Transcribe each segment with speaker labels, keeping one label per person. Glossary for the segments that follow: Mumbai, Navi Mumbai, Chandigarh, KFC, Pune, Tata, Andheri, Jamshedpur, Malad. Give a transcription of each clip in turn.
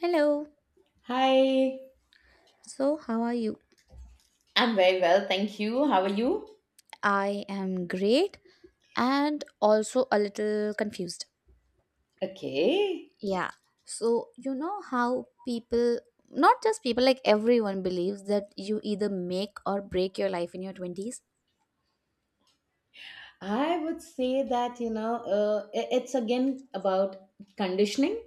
Speaker 1: Hello.
Speaker 2: Hi.
Speaker 1: So, how are you?
Speaker 2: I'm very well, thank you. How are you?
Speaker 1: I am great and also a little confused.
Speaker 2: Okay.
Speaker 1: Yeah. So, you know how people, not just people, like everyone believes that you either make or break your life in your 20s?
Speaker 2: I would say that, you know, it's again about conditioning.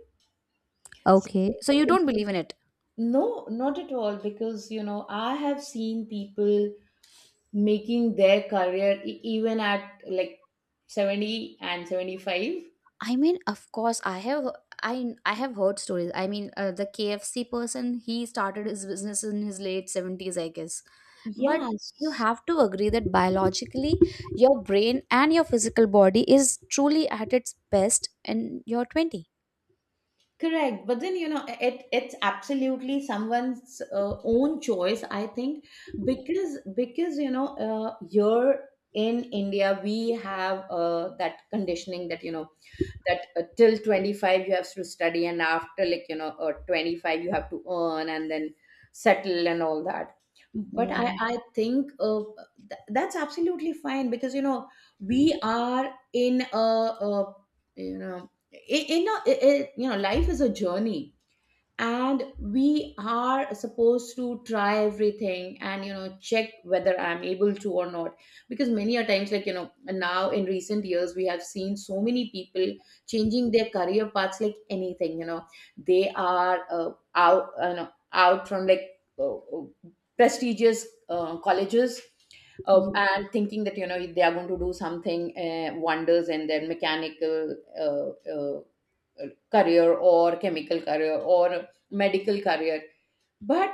Speaker 2: So,
Speaker 1: Okay. So, you don't believe in it.
Speaker 2: no, not at all, because, you know, I have seen people making their career even at like 70 and 75.
Speaker 1: I mean, of course, I have heard stories. I mean, the KFC person he started his business in his late 70s, I guess. But you
Speaker 2: Yes.
Speaker 1: have to agree that biologically, your brain and your physical body is truly at its best in your 20.
Speaker 2: Correct, but then you know it. It's absolutely someone's own choice, I think, because you know, here in India we have, that conditioning that you know that, till 25 you have to study, and after, like, you know, 25 you have to earn and then settle and all that. But
Speaker 1: Yeah,
Speaker 2: I think, that's absolutely fine, because, you know, we are in a, a you know, in a, I you know, life is a journey, and we are supposed to try everything and, you know, check whether I'm able to or not. Because many a times, like, you know, now in recent years we have seen so many people changing their career paths like anything, you know. They are, out you know out from, like, prestigious colleges,
Speaker 1: yeah,
Speaker 2: and thinking that, you know, they are going to do something, wonders in their mechanical, career, or chemical career, or medical career, but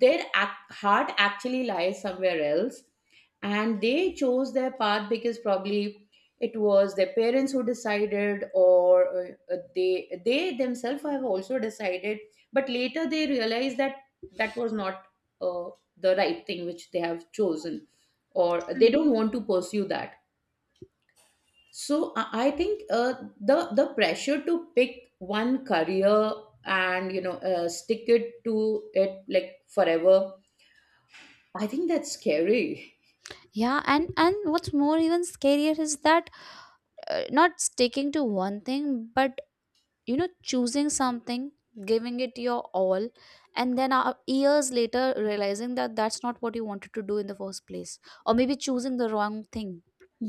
Speaker 2: their heart actually lies somewhere else, and they chose their path because probably it was their parents who decided, or they themselves have also decided. But later they realize that that was not, uh, the right thing which they have chosen, or they
Speaker 1: true.
Speaker 2: don't want to pursue that. So I think, the pressure to pick one career and, you know, stick it to it, like, forever, I think that's scary.
Speaker 1: Yeah, and what's more, even scarier is that not sticking to one thing, but you know choosing something giving it your all and then years later realizing that that's not what you wanted to do in the first place or maybe choosing the wrong thing.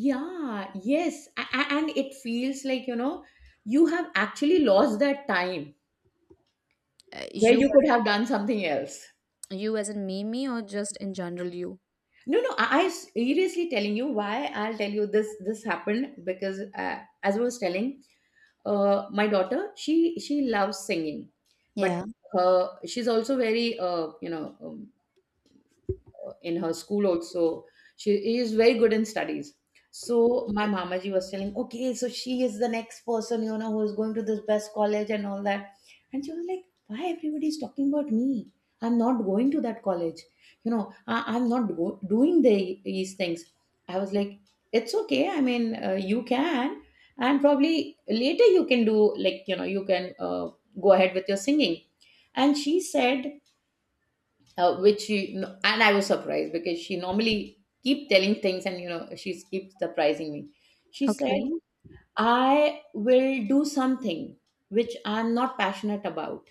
Speaker 2: Yeah, yes, and it feels like, you know, you have actually lost that time
Speaker 1: Uh,
Speaker 2: where
Speaker 1: you,
Speaker 2: you could have done something else.
Speaker 1: you as in me, or just in general you?
Speaker 2: No, no, I seriously telling you why I'll tell you this. This happened because, as I was telling, my daughter, she loves singing, but
Speaker 1: Yeah.
Speaker 2: her she's also very, in her school also she is very good in studies. So my mamaji was telling, okay, so she is the next person, you know, who is going to this best college and all that. And she was like, why everybody is talking about me? I'm not going to that college. You know, I'm not doing these things. I was like, it's okay, I mean, you can, and probably later you can do, like, you know, you can, go ahead with your singing. And she said, which she no- and I was surprised, because she normally keep telling things and, you know, she keeps surprising me. She said,
Speaker 1: Okay.
Speaker 2: "I will do something which I'm not passionate about.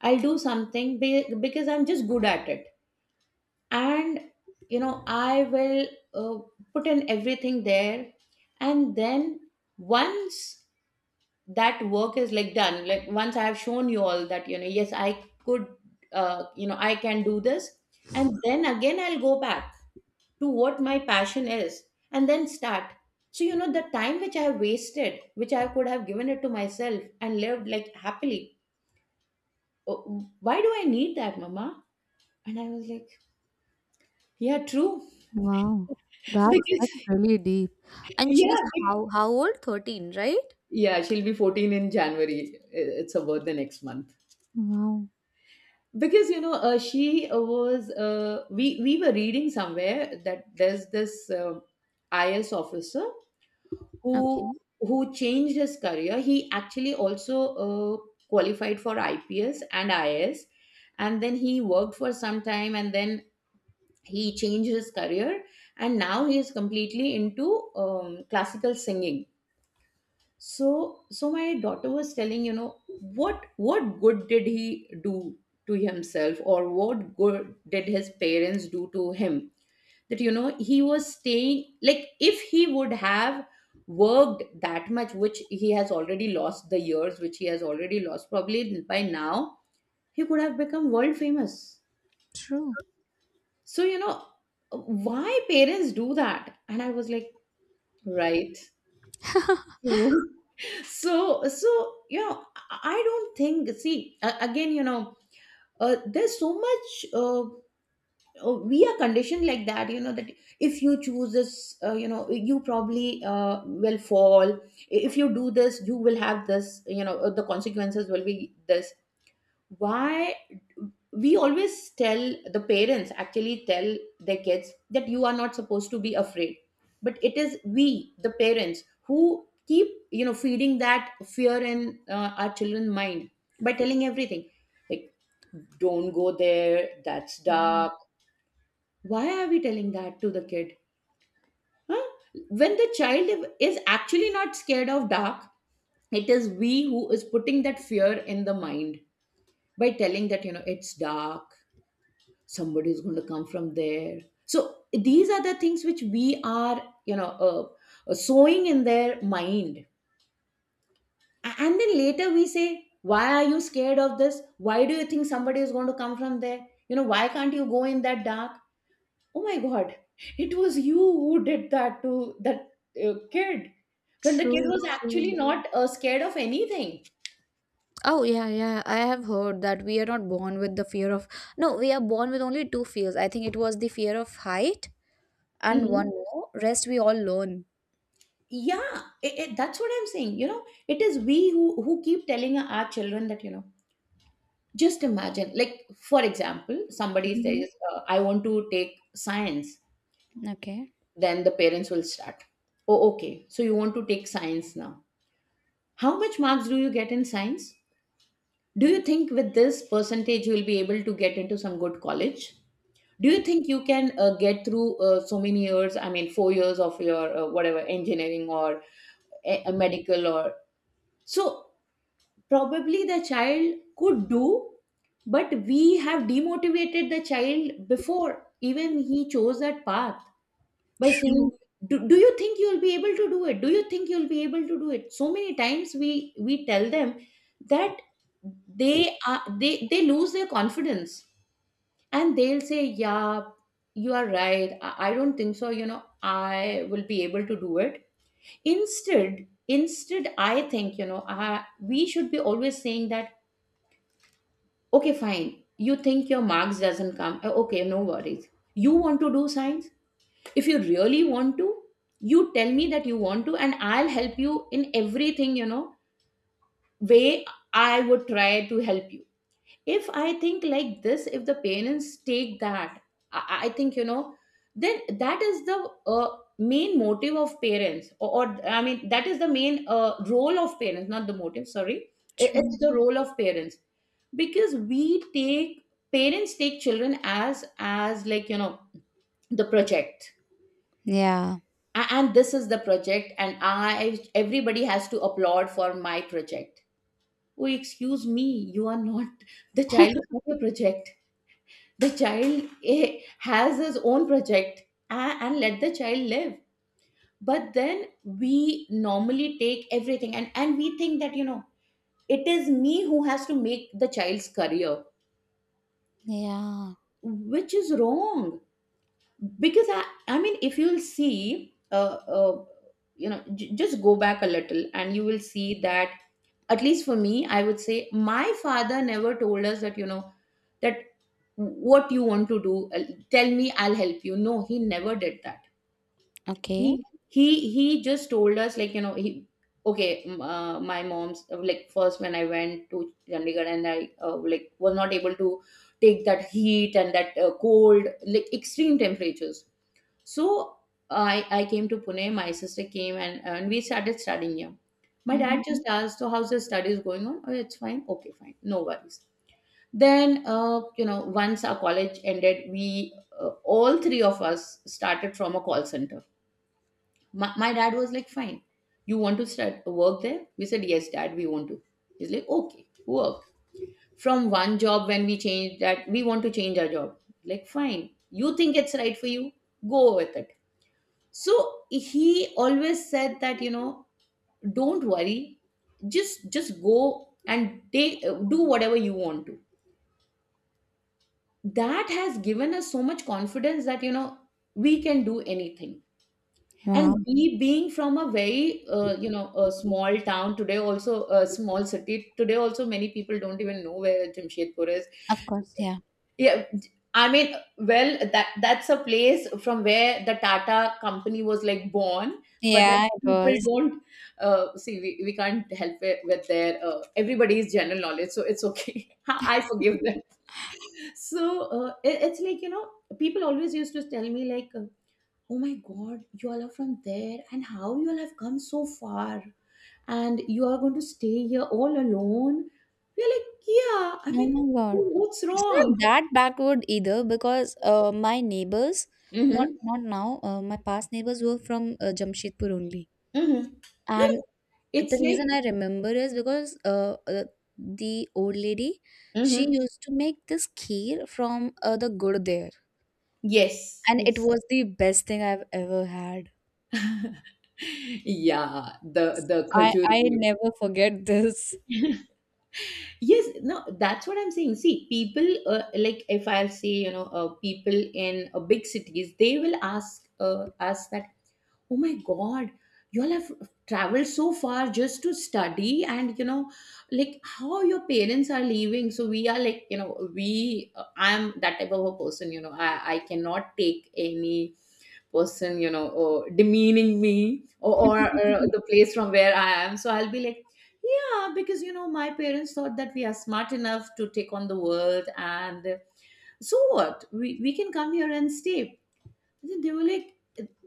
Speaker 2: I'll do something because I'm just good at it, and, you know, I will, uh, put in everything there, and then once." That work is, like, done, like, once I have shown you all that, you know, yes, I could, you know, I can do this, and then again I'll go back to what my passion is, and then start. So, you know, the time which I have wasted, which I could have given it to myself and lived, like, happily. Oh, why do I need that, mama? And I was like, yeah, true.
Speaker 1: Wow. That's
Speaker 2: Because
Speaker 1: really deep. And she's
Speaker 2: yeah,
Speaker 1: how old? 13, right?
Speaker 2: yeah, she'll be 14 in January. It's her birthday next month.
Speaker 1: Wow.
Speaker 2: Because, you know, she was we were reading somewhere that there's this, IS officer, who
Speaker 1: Okay.
Speaker 2: who changed his career. He actually also, uh, qualified for IPS and IS, and then he worked for some time, and then he changed his career, and now he is completely into, classical singing. So my daughter was telling, you know, what good did he do to himself, or what good did his parents do to him? That, you know, he was staying, like, if he would have worked that much, which he has already lost the years, which he has already lost, probably by now he could have become world famous.
Speaker 1: True.
Speaker 2: So, you know, why parents do that? And I was like, right. True. So you know, I don't think, see, again, you know, there's so much, we are conditioned like that, you know, that if you choose this, you know, you probably, will fall. If you do this, you will have this, you know, the consequences will be this. Why we always tell, the parents actually tell their kids, that you are not supposed to be afraid. But it is we the parents who keep, you know, feeding that fear in, our children's mind, by telling everything, like, don't go there, that's
Speaker 1: Yeah.
Speaker 2: dark. Why are we telling that to the kid? Huh? When the child is actually not scared of dark. It is we who is putting that fear in the mind by telling that, you know, it's dark, somebody is going to come from there. So these are the things which we are, you know, sowing in their mind. And then later we say, why are you scared of this? Why do you think somebody is going to come from there? You know, why can't you go in that dark? Oh my God, it was you who did that to that, kid, when the kid
Speaker 1: True,
Speaker 2: was actually
Speaker 1: true.
Speaker 2: not, scared of anything.
Speaker 1: Oh yeah, yeah. I have heard that we are not born with the fear of no, we are born with only two fears. I think it was the fear of height and one
Speaker 2: Mhm.
Speaker 1: more. Rest we all learn.
Speaker 2: Yeah, that's what I'm saying, you know, it is we who keep telling our children that, you know, just imagine, like, for example, somebody
Speaker 1: Mhm.
Speaker 2: says, I want to take science.
Speaker 1: Okay.
Speaker 2: Then the parents will start. Oh, okay, so you want to take science now. How much marks do you get in science? Do you think with this percentage you will be able to get into some good college? Do you think you can, get through, so many years? I mean, 4 years of your, whatever, engineering, or a medical, or so probably the child could do, but we have demotivated the child before even he chose that path, by saying,
Speaker 1: True,
Speaker 2: do you think you'll be able to do it? Do you think you'll be able to do it? So many times we tell them that, they are they lose their confidence, and they'll say, yeah, you are right, I don't think so, you know, I will be able to do it. Instead, I think, you know, we should be always saying that, okay fine, you think your marks doesn't come. Okay, no worries, you want to do science, if you really want to, you tell me that you want to, and I'll help you in everything, you know, way, I would try to help you. If I think like this, if the parents take that, I think, you know, then that is the, main motive of parents, or, I mean, that is the main, role of parents, not the motive, sorry. It's
Speaker 1: true.
Speaker 2: the role of parents, because we take, parents take children as like, you know, the project.
Speaker 1: Yeah.
Speaker 2: And this is the project, and I everybody has to applaud for my project. Oh, excuse me, you are not, the child is not your project, the child, has his own project, and let the child live. But then we normally take everything and we think that, you know, it is me who has to make the child's career,
Speaker 1: Yeah.
Speaker 2: which is wrong. Because I mean, if you'll see, you know, just go back a little, and you will see that at least for me, I would say my father never told us that, you know, that what you want to do, tell me, I'll help you. No, he never did that. He
Speaker 1: Okay.
Speaker 2: just told us, like, you know, he, okay, my mom's, like, first when I went to Chandigarh, and I, like, was not able to take that heat and that, cold, like, extreme temperatures. So I came to Pune, my sister came, and we started studying here. My
Speaker 1: Mm-hmm.
Speaker 2: dad just asked, so how's the studies going on? Oh, it's fine, okay fine, no worries. Then, you know, once our college ended, we, all three of us started from a call center. My dad was like, fine, you want to start work there? We said, yes, dad, we want to. He's like, okay, work. From one job, when we changed that, we want to change our job. Like, fine. You think it's right for you? Go with it. So he always said that, you know, don't worry. Just go and take do whatever you want to. That has given us so much confidence that, you know, we can do anything. And
Speaker 1: Wow.
Speaker 2: we being from a very, a small town today, also a small city today, also many people don't even know where Jamshedpur is.
Speaker 1: Of course. Yeah.
Speaker 2: Yeah, I mean, well, that's a place from where the Tata company was like born, but then
Speaker 1: Yeah, it
Speaker 2: people
Speaker 1: was.
Speaker 2: don't see. We can't help it with their everybody's general knowledge, so it's okay. I forgive them. So it's like people always used to tell me like oh my god, you all are from there and how you all have come so far, and you are going to stay here all alone. We're like, yeah, I
Speaker 1: Oh
Speaker 2: mean,
Speaker 1: my God.
Speaker 2: what's
Speaker 1: It's not
Speaker 2: wrong?
Speaker 1: that backward either because my neighbors, not
Speaker 2: Mm-hmm.
Speaker 1: not now, my past neighbors were from Jamshedpur only.
Speaker 2: Mm-hmm. No,
Speaker 1: And.
Speaker 2: no,
Speaker 1: The
Speaker 2: it's
Speaker 1: reason I
Speaker 2: like,
Speaker 1: remember is because the old lady she
Speaker 2: mm-hmm.
Speaker 1: used to make this kheer from the gur there,
Speaker 2: Yes,
Speaker 1: and it
Speaker 2: yes,
Speaker 1: was the best thing I've ever had.
Speaker 2: yeah,
Speaker 1: S-
Speaker 2: the
Speaker 1: I
Speaker 2: khajur
Speaker 1: I
Speaker 2: view.
Speaker 1: never forget this.
Speaker 2: Yes, no, that's what I'm saying, see, people, like if I'll say, you know, people in big cities, they will ask us that, oh my god, you all have traveled so far just to study, and you know, like how your parents are leaving. So we are like, you know, we, I'm that type of a person, you know, I cannot take any person, you know, or demeaning me, or the place from where I am, so I'll be like, yeah, because you know, my parents thought that we are smart enough to take on the world, and so what, we can come here and stay. Then they were like,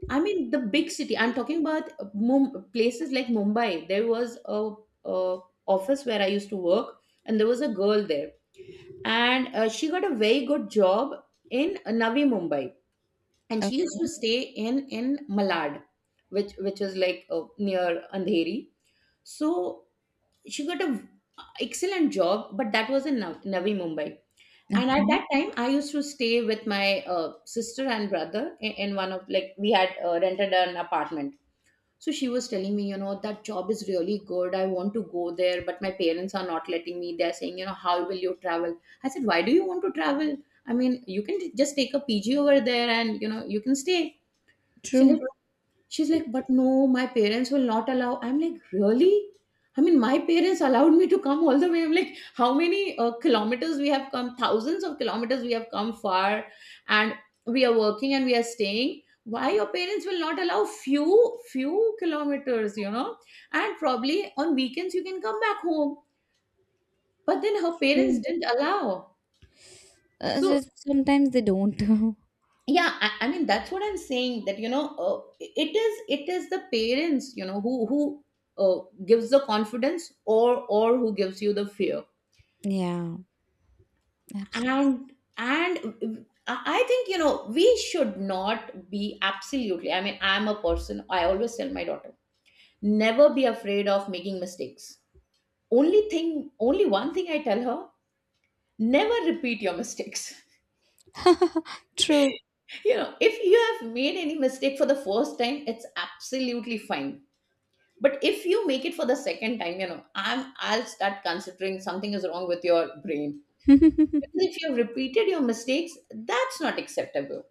Speaker 2: I mean, the big city. I'm talking about places like Mumbai. There was a office where I used to work, and there was a girl there, and she got a very good job in Navi Mumbai, and she used to
Speaker 1: Okay.
Speaker 2: stay in Malad, which is like near Andheri. So she got a v- excellent job, but that was in Navi Mumbai. And at
Speaker 1: Okay.
Speaker 2: that time, I used to stay with my sister and brother in one of, like, we had rented an apartment. So she was telling me, you know, that job is really good. I want to go there, but my parents are not letting me. They're saying, you know, how will you travel? I said, why do you want to travel? I mean, you can just take a PG over there and you know you can stay. She
Speaker 1: True.
Speaker 2: like, She's like, but no, my parents will not allow. I'm like, really? I mean, my parents allowed me to come all the way. I'm like, how many kilometers we have come? Thousands of kilometers we have come far, and we are working and we are staying. Why your parents will not allow few kilometers? You know, and probably on weekends you can come back home. But then her
Speaker 1: True.
Speaker 2: parents didn't allow.
Speaker 1: Uh,
Speaker 2: So
Speaker 1: so sometimes they don't.
Speaker 2: yeah, I mean, that's what I'm saying, that you know, it is the parents, you know, who gives the confidence, or who gives you the fear.
Speaker 1: Yeah, absolutely.
Speaker 2: And and I I think, you know, we should not be, absolutely, I mean, I'm a person, I always tell my daughter, never be afraid of making mistakes. only thing Only one thing I tell her, never repeat your mistakes.
Speaker 1: True.
Speaker 2: You know, if you have made any mistake for the first time, it's absolutely fine, but if you make it for the second time, you know, I'll start considering something is wrong with your brain. Because if you've repeated your mistakes, that's not acceptable.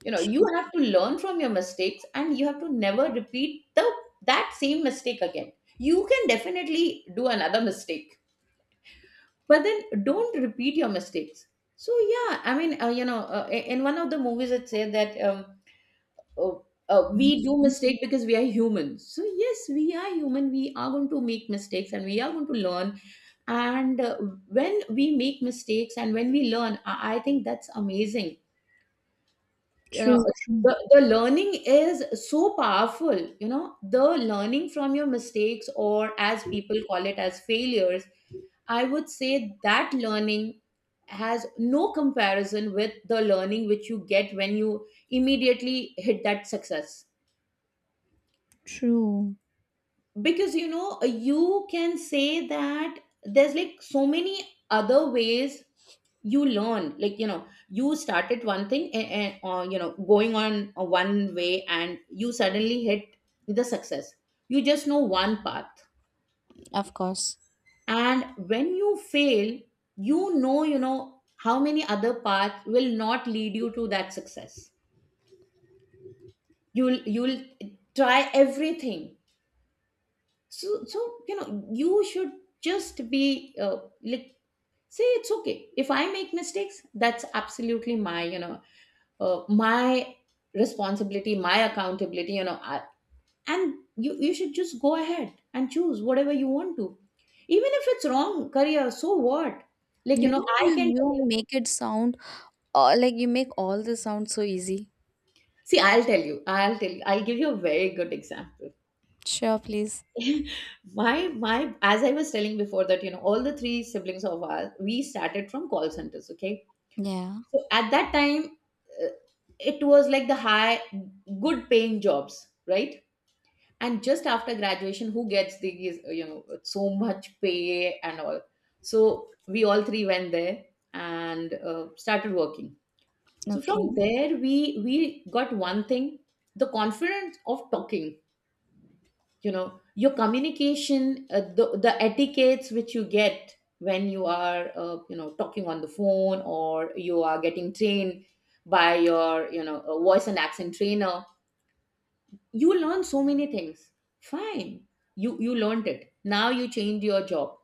Speaker 2: You know, you
Speaker 1: True.
Speaker 2: have to learn from your mistakes, and you have to never repeat the that same mistake again. You can definitely do another mistake, but then don't repeat your mistakes. So yeah, I mean, you know, in one of the movies, it said that oh, we do mistake because we are humans. So yes, we are human, we are going to make mistakes, and we are going to learn. And When we make mistakes and when we learn, I think that's amazing, you know.
Speaker 1: True. True.
Speaker 2: The learning is so powerful, you know, the learning from your mistakes, or as people call it, as failures. I would say that learning has no comparison with the learning which you get when you immediately hit that success.
Speaker 1: True.
Speaker 2: Because you know, you can say that there's like so many other ways you learn, like, you know, you started one thing and, or you know, going on a one way, and you suddenly hit the success, you just know one path.
Speaker 1: Of course.
Speaker 2: And when you fail, you know, you know how many other paths will not lead you to that success. You'll try everything. So, you know, you should just be, like, say, it's okay if I make mistakes, that's absolutely my, you know, my responsibility, my accountability, you know, and you should just go ahead and choose whatever you want to, even if it's wrong career, so what. Like, you
Speaker 1: You
Speaker 2: know,
Speaker 1: know,
Speaker 2: I
Speaker 1: you
Speaker 2: can tell
Speaker 1: you
Speaker 2: you,
Speaker 1: make it sound like you make all this sound so easy.
Speaker 2: see, I'll tell you, I'll give you a very good example.
Speaker 1: Sure, please.
Speaker 2: My, as I was telling before, that you know, all the three siblings of ours, we started from call centers, okay.
Speaker 1: Yeah.
Speaker 2: So at that time, uh, it was like the good paying jobs, right? And just after graduation, who gets these, you know, so much pay and all? So we all three went there and started working. So from
Speaker 1: Okay.
Speaker 2: there, we got one thing: the confidence of talking, you know, your communication, the etiquettes which you get when you are, you know, talking on the phone, or you are getting trained by your, you know, voice and accent trainer. You learn so many things, fine. You learned it, now you change your job.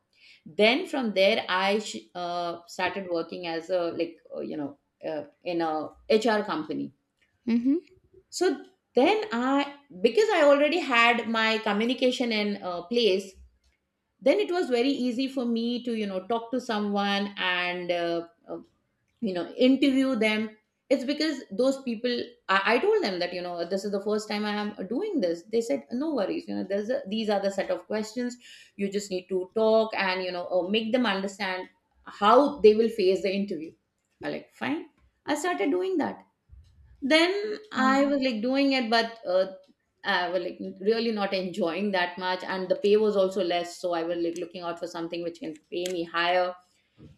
Speaker 2: Then from there, I started working as a, like, you know, in a HR company.
Speaker 1: Mm-hmm.
Speaker 2: So then I, because I already had my communication in place, then it was very easy for me to, you know, talk to someone, and you know, interview them. It's because those people, I told them that, you know, this is the first time I am doing this. They said, no worries, you know, these are the set of questions, you just need to talk, and you know, make them understand how they will face the interview. I like, fine. I started doing that. Then
Speaker 1: Oh,
Speaker 2: I was like doing it, but I was like really not enjoying that much, and the pay was also less, so I was like looking out for something which can pay me higher.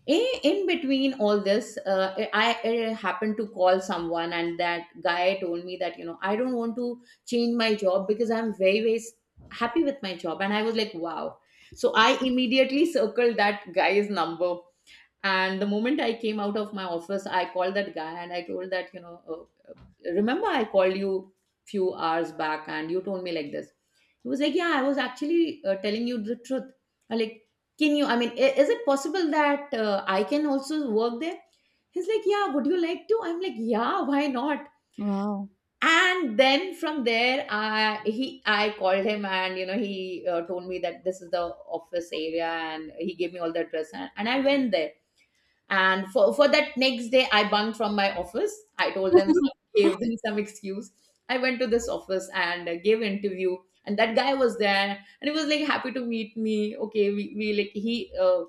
Speaker 2: In between all this, I happened to call someone, and that guy told me that, you know, I don't want to change my job because I'm very happy with my job. And I was like, wow. So I immediately circled that guy's number, and the moment I came out of my office, I called that guy and I told that, you know, remember I called you few hours back and you told me like this? He was like, yeah, I was actually, telling you the truth. I like, can you, I mean, is it possible that I can also work there? He's like, yeah, would you like to? I'm like, yeah, why not?
Speaker 1: wow.
Speaker 2: And then from there, I called him, and you know, he, told me that this is the office area, and he gave me all the address, and I went there. And for that next day, I bunked from my office. I told them some, gave them some excuse. I went to this office and gave interview. And that guy was there, and he was like happy to meet me. Okay, we like he, uh,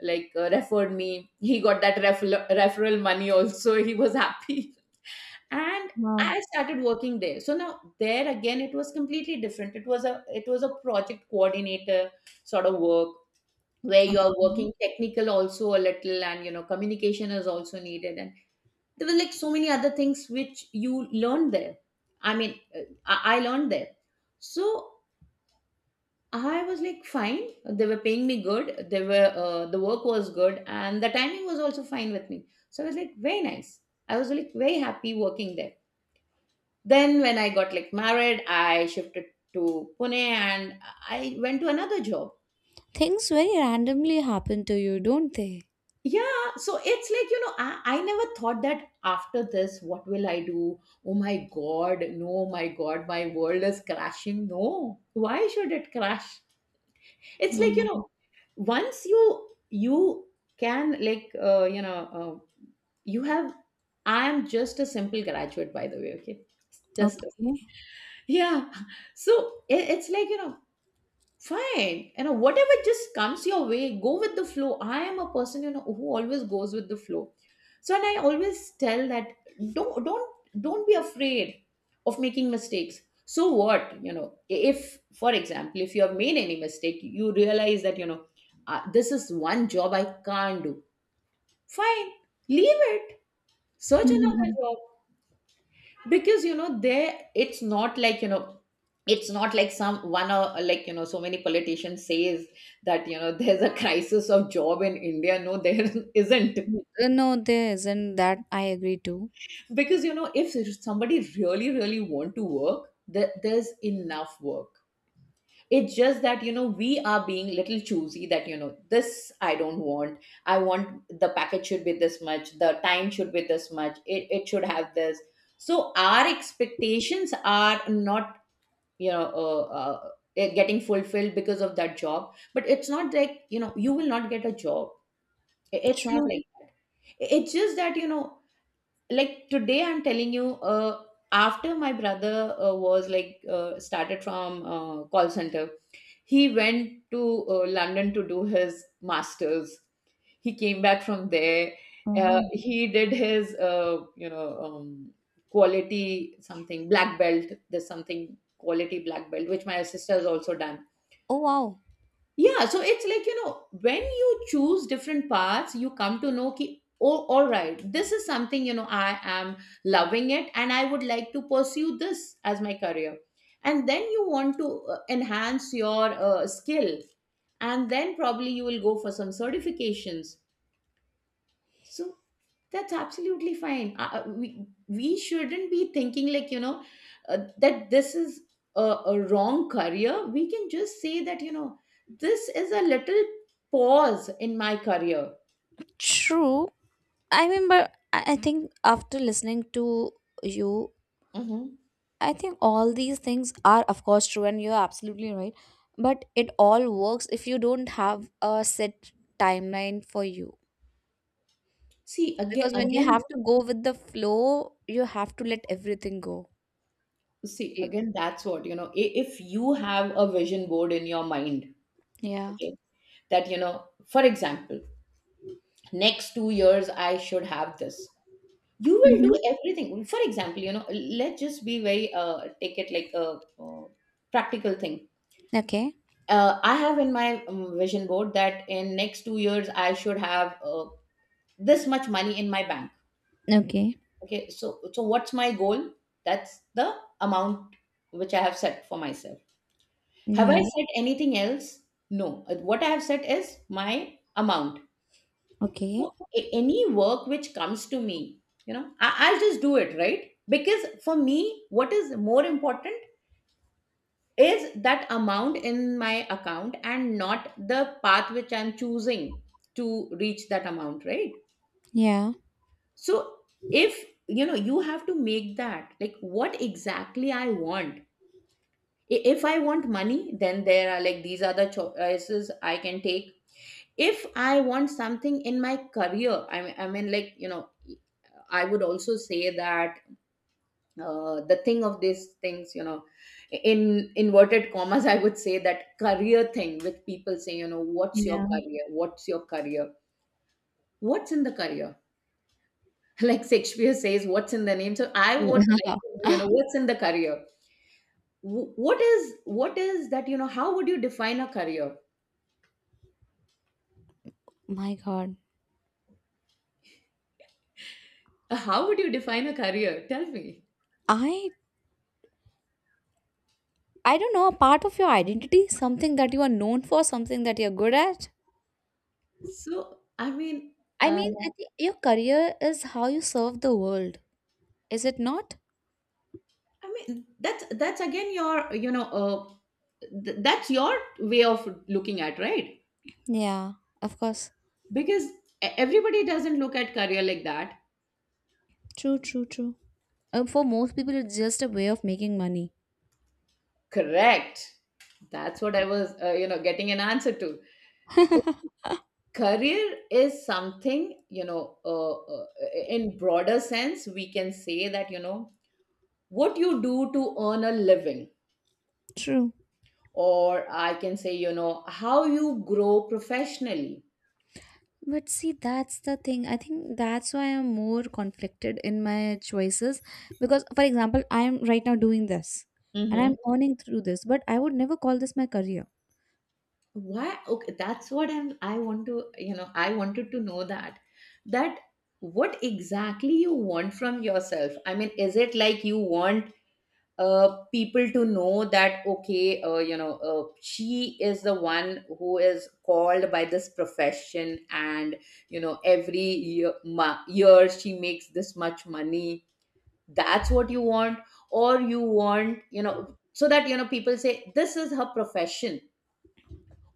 Speaker 2: like uh, referred me. He got that referral money also. He was happy, and
Speaker 1: Wow.
Speaker 2: I started working there. So now there again, it was completely different. It was a project coordinator sort of work where you're
Speaker 1: Okay.
Speaker 2: working technical also a little, and you know communication is also needed. And there were like so many other things which you learned there, I learned there. So I was like fine, they were paying me good, they were the work was good and the timing was also fine with me, so I was like very nice. I was like very happy working there. Then when I got like married, I shifted to Pune and I went to another job.
Speaker 1: Things very randomly happen to you, don't they?
Speaker 2: Yeah, so it's like you know I never thought that after this what will I do. Oh my god, no, oh my god, my world is crashing, no, why should it crash? It's like you
Speaker 1: Um,
Speaker 2: know once you can uh, you have, I am just a simple graduate by the way, okay, just a,
Speaker 1: okay.
Speaker 2: yeah. So it's like you know fine, you know, whatever just comes your way, go with the flow. I am a person, you know, who always goes with the flow. So, and I always tell that don't don't be afraid of making mistakes. So what, you know, if for example if you have made any mistake, you realize that you know this is one job I can't do, fine, leave it, search another
Speaker 1: Mhm.
Speaker 2: job. Because you know there it's not like you know, it's not like some one or like you know so many politicians says that you know there's a crisis of job in India. No, there isn't.
Speaker 1: No, there isn't that I agree to.
Speaker 2: Because you know if somebody really really want to work there, there's enough work. It's just that you know we are being little choosy, that you know this I don't want, I want the package should be this much, the time should be this much, it should have this. So our expectations are not, you know, it getting fulfilled because of that job, but it's not like you know you will not get a job. It's not
Speaker 1: True.
Speaker 2: like that. It's just that you know, like today I'm telling you, after my brother was like started from call center, he went to London to do his masters. He came back from there.
Speaker 1: Wow.
Speaker 2: He did his, quality something black belt. There's something quality black belt, which my sister has also done.
Speaker 1: Oh wow.
Speaker 2: Yeah, so it's like, you know, when you choose different paths, you come to know ki, oh, all right, this is something, you know, I am loving it and I would like to pursue this as my career. And then you want to enhance your skill. And then probably you will go for some certifications. So that's absolutely fine. We shouldn't be thinking like you know that this is a wrong career. We can just say that you know this is a little pause in my career.
Speaker 1: True. I mean, but I think after listening to you,
Speaker 2: Mhm.
Speaker 1: I think all these things are, of course, true, and you're absolutely right. But it all works if you don't have a set timeline for you.
Speaker 2: See
Speaker 1: Because when you
Speaker 2: again,
Speaker 1: have to go with the flow, you have to let everything go.
Speaker 2: see
Speaker 1: E-
Speaker 2: again. That's what you know. If you have a vision board in your mind,
Speaker 1: Yeah.
Speaker 2: okay, that you know, for example, next 2 years I should have this. You will do
Speaker 1: Mm-hmm.
Speaker 2: everything, for example, you know, let's just be very take it like a practical thing.
Speaker 1: Okay.
Speaker 2: I have in my vision board that in next 2 years I should have this much money in my bank.
Speaker 1: Okay.
Speaker 2: Okay, so so what's my goal? That's the amount which I have set for myself. Have I
Speaker 1: Yeah.
Speaker 2: set anything else? No. What I have set is my amount.
Speaker 1: Okay.
Speaker 2: So any work which comes to me, you know, I'll just do it, right? Because for me, what is more important is that amount in my account and not the path which I'm choosing to reach that amount, right?
Speaker 1: Yeah.
Speaker 2: So if you know you have to make that, like, what exactly I want. If I want money, then there are like these are the choices I can take. If I want something in my career, I mean like you know I would also say that the thing of these things, you know, in inverted commas, I would say that career thing with people saying, you know, what's your
Speaker 1: Yeah.
Speaker 2: career? What's your career? What's in the career? Like Shakespeare says, what's in the name? So I would
Speaker 1: Yeah.
Speaker 2: like, to know, you know, what's in the career? What is what is that? You know, how would you define a career?
Speaker 1: My God.
Speaker 2: How would you define a career? Tell me.
Speaker 1: I I don't know, a part of your identity, something that you are known for, something that you're good at.
Speaker 2: So I mean.
Speaker 1: I
Speaker 2: uh,
Speaker 1: mean, I think your career is how you serve the world. Is it not?
Speaker 2: I mean, that's again your you know that's your way of looking at, right?
Speaker 1: Yeah, of course.
Speaker 2: Because everybody doesn't look at career like that.
Speaker 1: True, true, true. For most people, it's just a way of making money.
Speaker 2: Correct. That's what I was you know getting an answer to. Career is something, you know, in broader sense we can say that you know what you do to earn a living,
Speaker 1: True.
Speaker 2: or I can say you know how you grow professionally.
Speaker 1: But see, that's the thing. I think that's why I'm more conflicted in my choices. Because, for example, I'm right now doing this and I'm
Speaker 2: Mm-hmm.
Speaker 1: earning through this, but I would never call this my career.
Speaker 2: Why, okay, that's what I want to you know I wanted to know that, that what exactly you want from yourself. I mean, is it like you want people to know that okay you know she is the one who is called by this profession, and you know every year, year she makes this much money, that's what you want? Or you want, you know, so that you know people say this is her profession?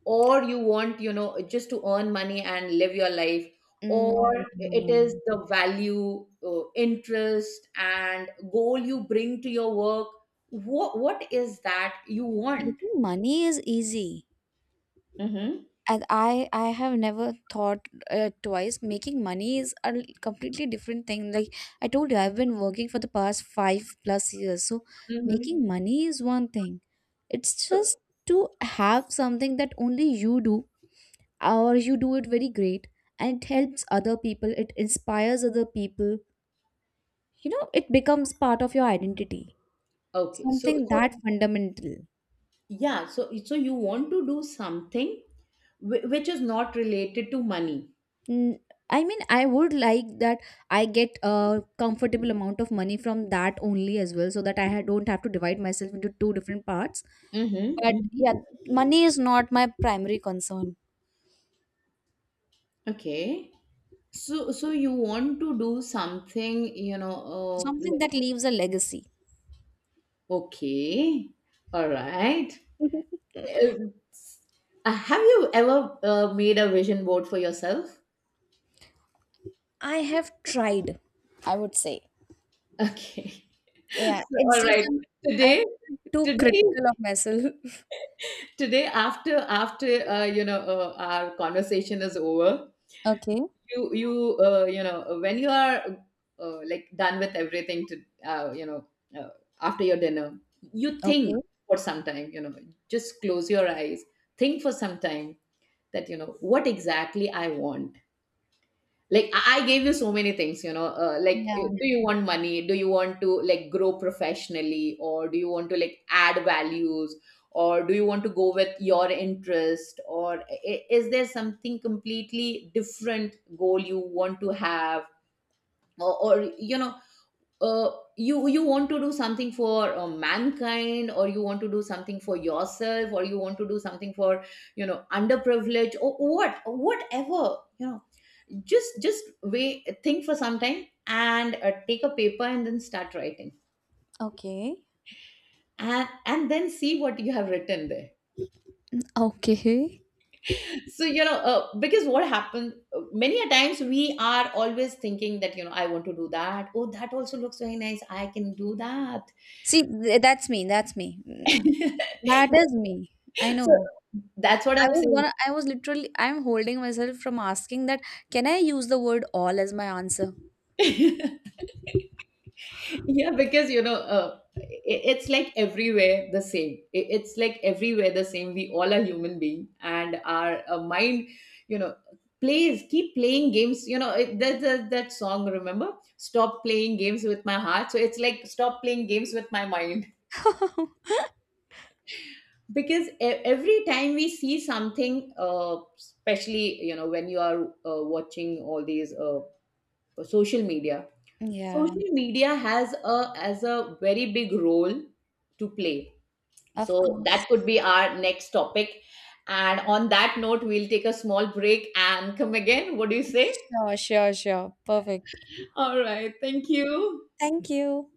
Speaker 2: Or you want, you know, just to earn money and live your life?
Speaker 1: No,
Speaker 2: Or
Speaker 1: no,
Speaker 2: it
Speaker 1: no.
Speaker 2: is
Speaker 1: no.
Speaker 2: the value, interest and goal you bring to your work? What is that you want?
Speaker 1: Making money is easy.
Speaker 2: Mm-hmm.
Speaker 1: And I have never thought twice. Making money is a completely different thing. Like I told you, I've been working for the past 5 plus years, so
Speaker 2: Hmm.
Speaker 1: making money is one thing. It's
Speaker 2: So,
Speaker 1: just to have something that only you do or you do it very great and it helps other people, it inspires other people, you know it becomes part of your identity,
Speaker 2: okay. So,
Speaker 1: something
Speaker 2: so
Speaker 1: that fundamental.
Speaker 2: yeah. So, so you want to do something which is not related to money.
Speaker 1: Mm, I mean, I would like that I get a comfortable amount of money from that only as well, so that I don't have to divide myself into two different parts.
Speaker 2: Mm-hmm.
Speaker 1: But
Speaker 2: Mm-hmm.
Speaker 1: yeah, money is not my primary concern.
Speaker 2: Okay. So, so you want to do something, you know,
Speaker 1: Something
Speaker 2: like,
Speaker 1: that leaves a legacy.
Speaker 2: okay, all right. Have you ever made a vision board for yourself?
Speaker 1: I have tried, I would say.
Speaker 2: Okay.
Speaker 1: Yeah,
Speaker 2: So,
Speaker 1: it's
Speaker 2: all
Speaker 1: just
Speaker 2: right. Today,
Speaker 1: I'm too
Speaker 2: today,
Speaker 1: critical of myself.
Speaker 2: Today, after you know our conversation is over,
Speaker 1: Okay.
Speaker 2: you you know when you are like done with everything to uh, after your dinner, you think
Speaker 1: Okay.
Speaker 2: for some time. You know, just close your eyes, think for some time that you know what exactly I want. Like I gave you so many things you know
Speaker 1: Yeah.
Speaker 2: do you want money, do you want to like grow professionally, or do you want to like add values, or do you want to go with your interest, or is there something completely different goal you want to have, or you know uh, you you want to do something for mankind, or you want to do something for yourself, or you want to do something for, you know, underprivileged, or what whatever you know, just wait, think for some time and take a paper and then start writing,
Speaker 1: Okay.
Speaker 2: and then see what you have written there.
Speaker 1: Okay.
Speaker 2: So you know because what happens many a times we are always thinking that you know I want to do that, oh that also looks very nice, I can do that.
Speaker 1: See, that's me. That's me. That is me. I
Speaker 2: So
Speaker 1: know.
Speaker 2: that's what
Speaker 1: I
Speaker 2: I'm
Speaker 1: was gonna I was literally I'm holding myself from asking that, can I use the word all as my answer?
Speaker 2: saying. Yeah, because you know, it's like everywhere the same. It's like everywhere the same. We all are human being, and our mind, you know, plays keep playing games. You know, that that song. Remember, stop playing games with my heart. So it's like stop playing games with my mind. Because every time we see something, especially you know when you are watching all these social media,
Speaker 1: Yeah,
Speaker 2: social media has a as a very big role to play.
Speaker 1: of
Speaker 2: So that
Speaker 1: course.
Speaker 2: could be our next topic, and on that note we'll take a small break and come again, what do you say.
Speaker 1: Sure, sure, sure. Perfect.
Speaker 2: All right. Thank you.
Speaker 1: Thank you.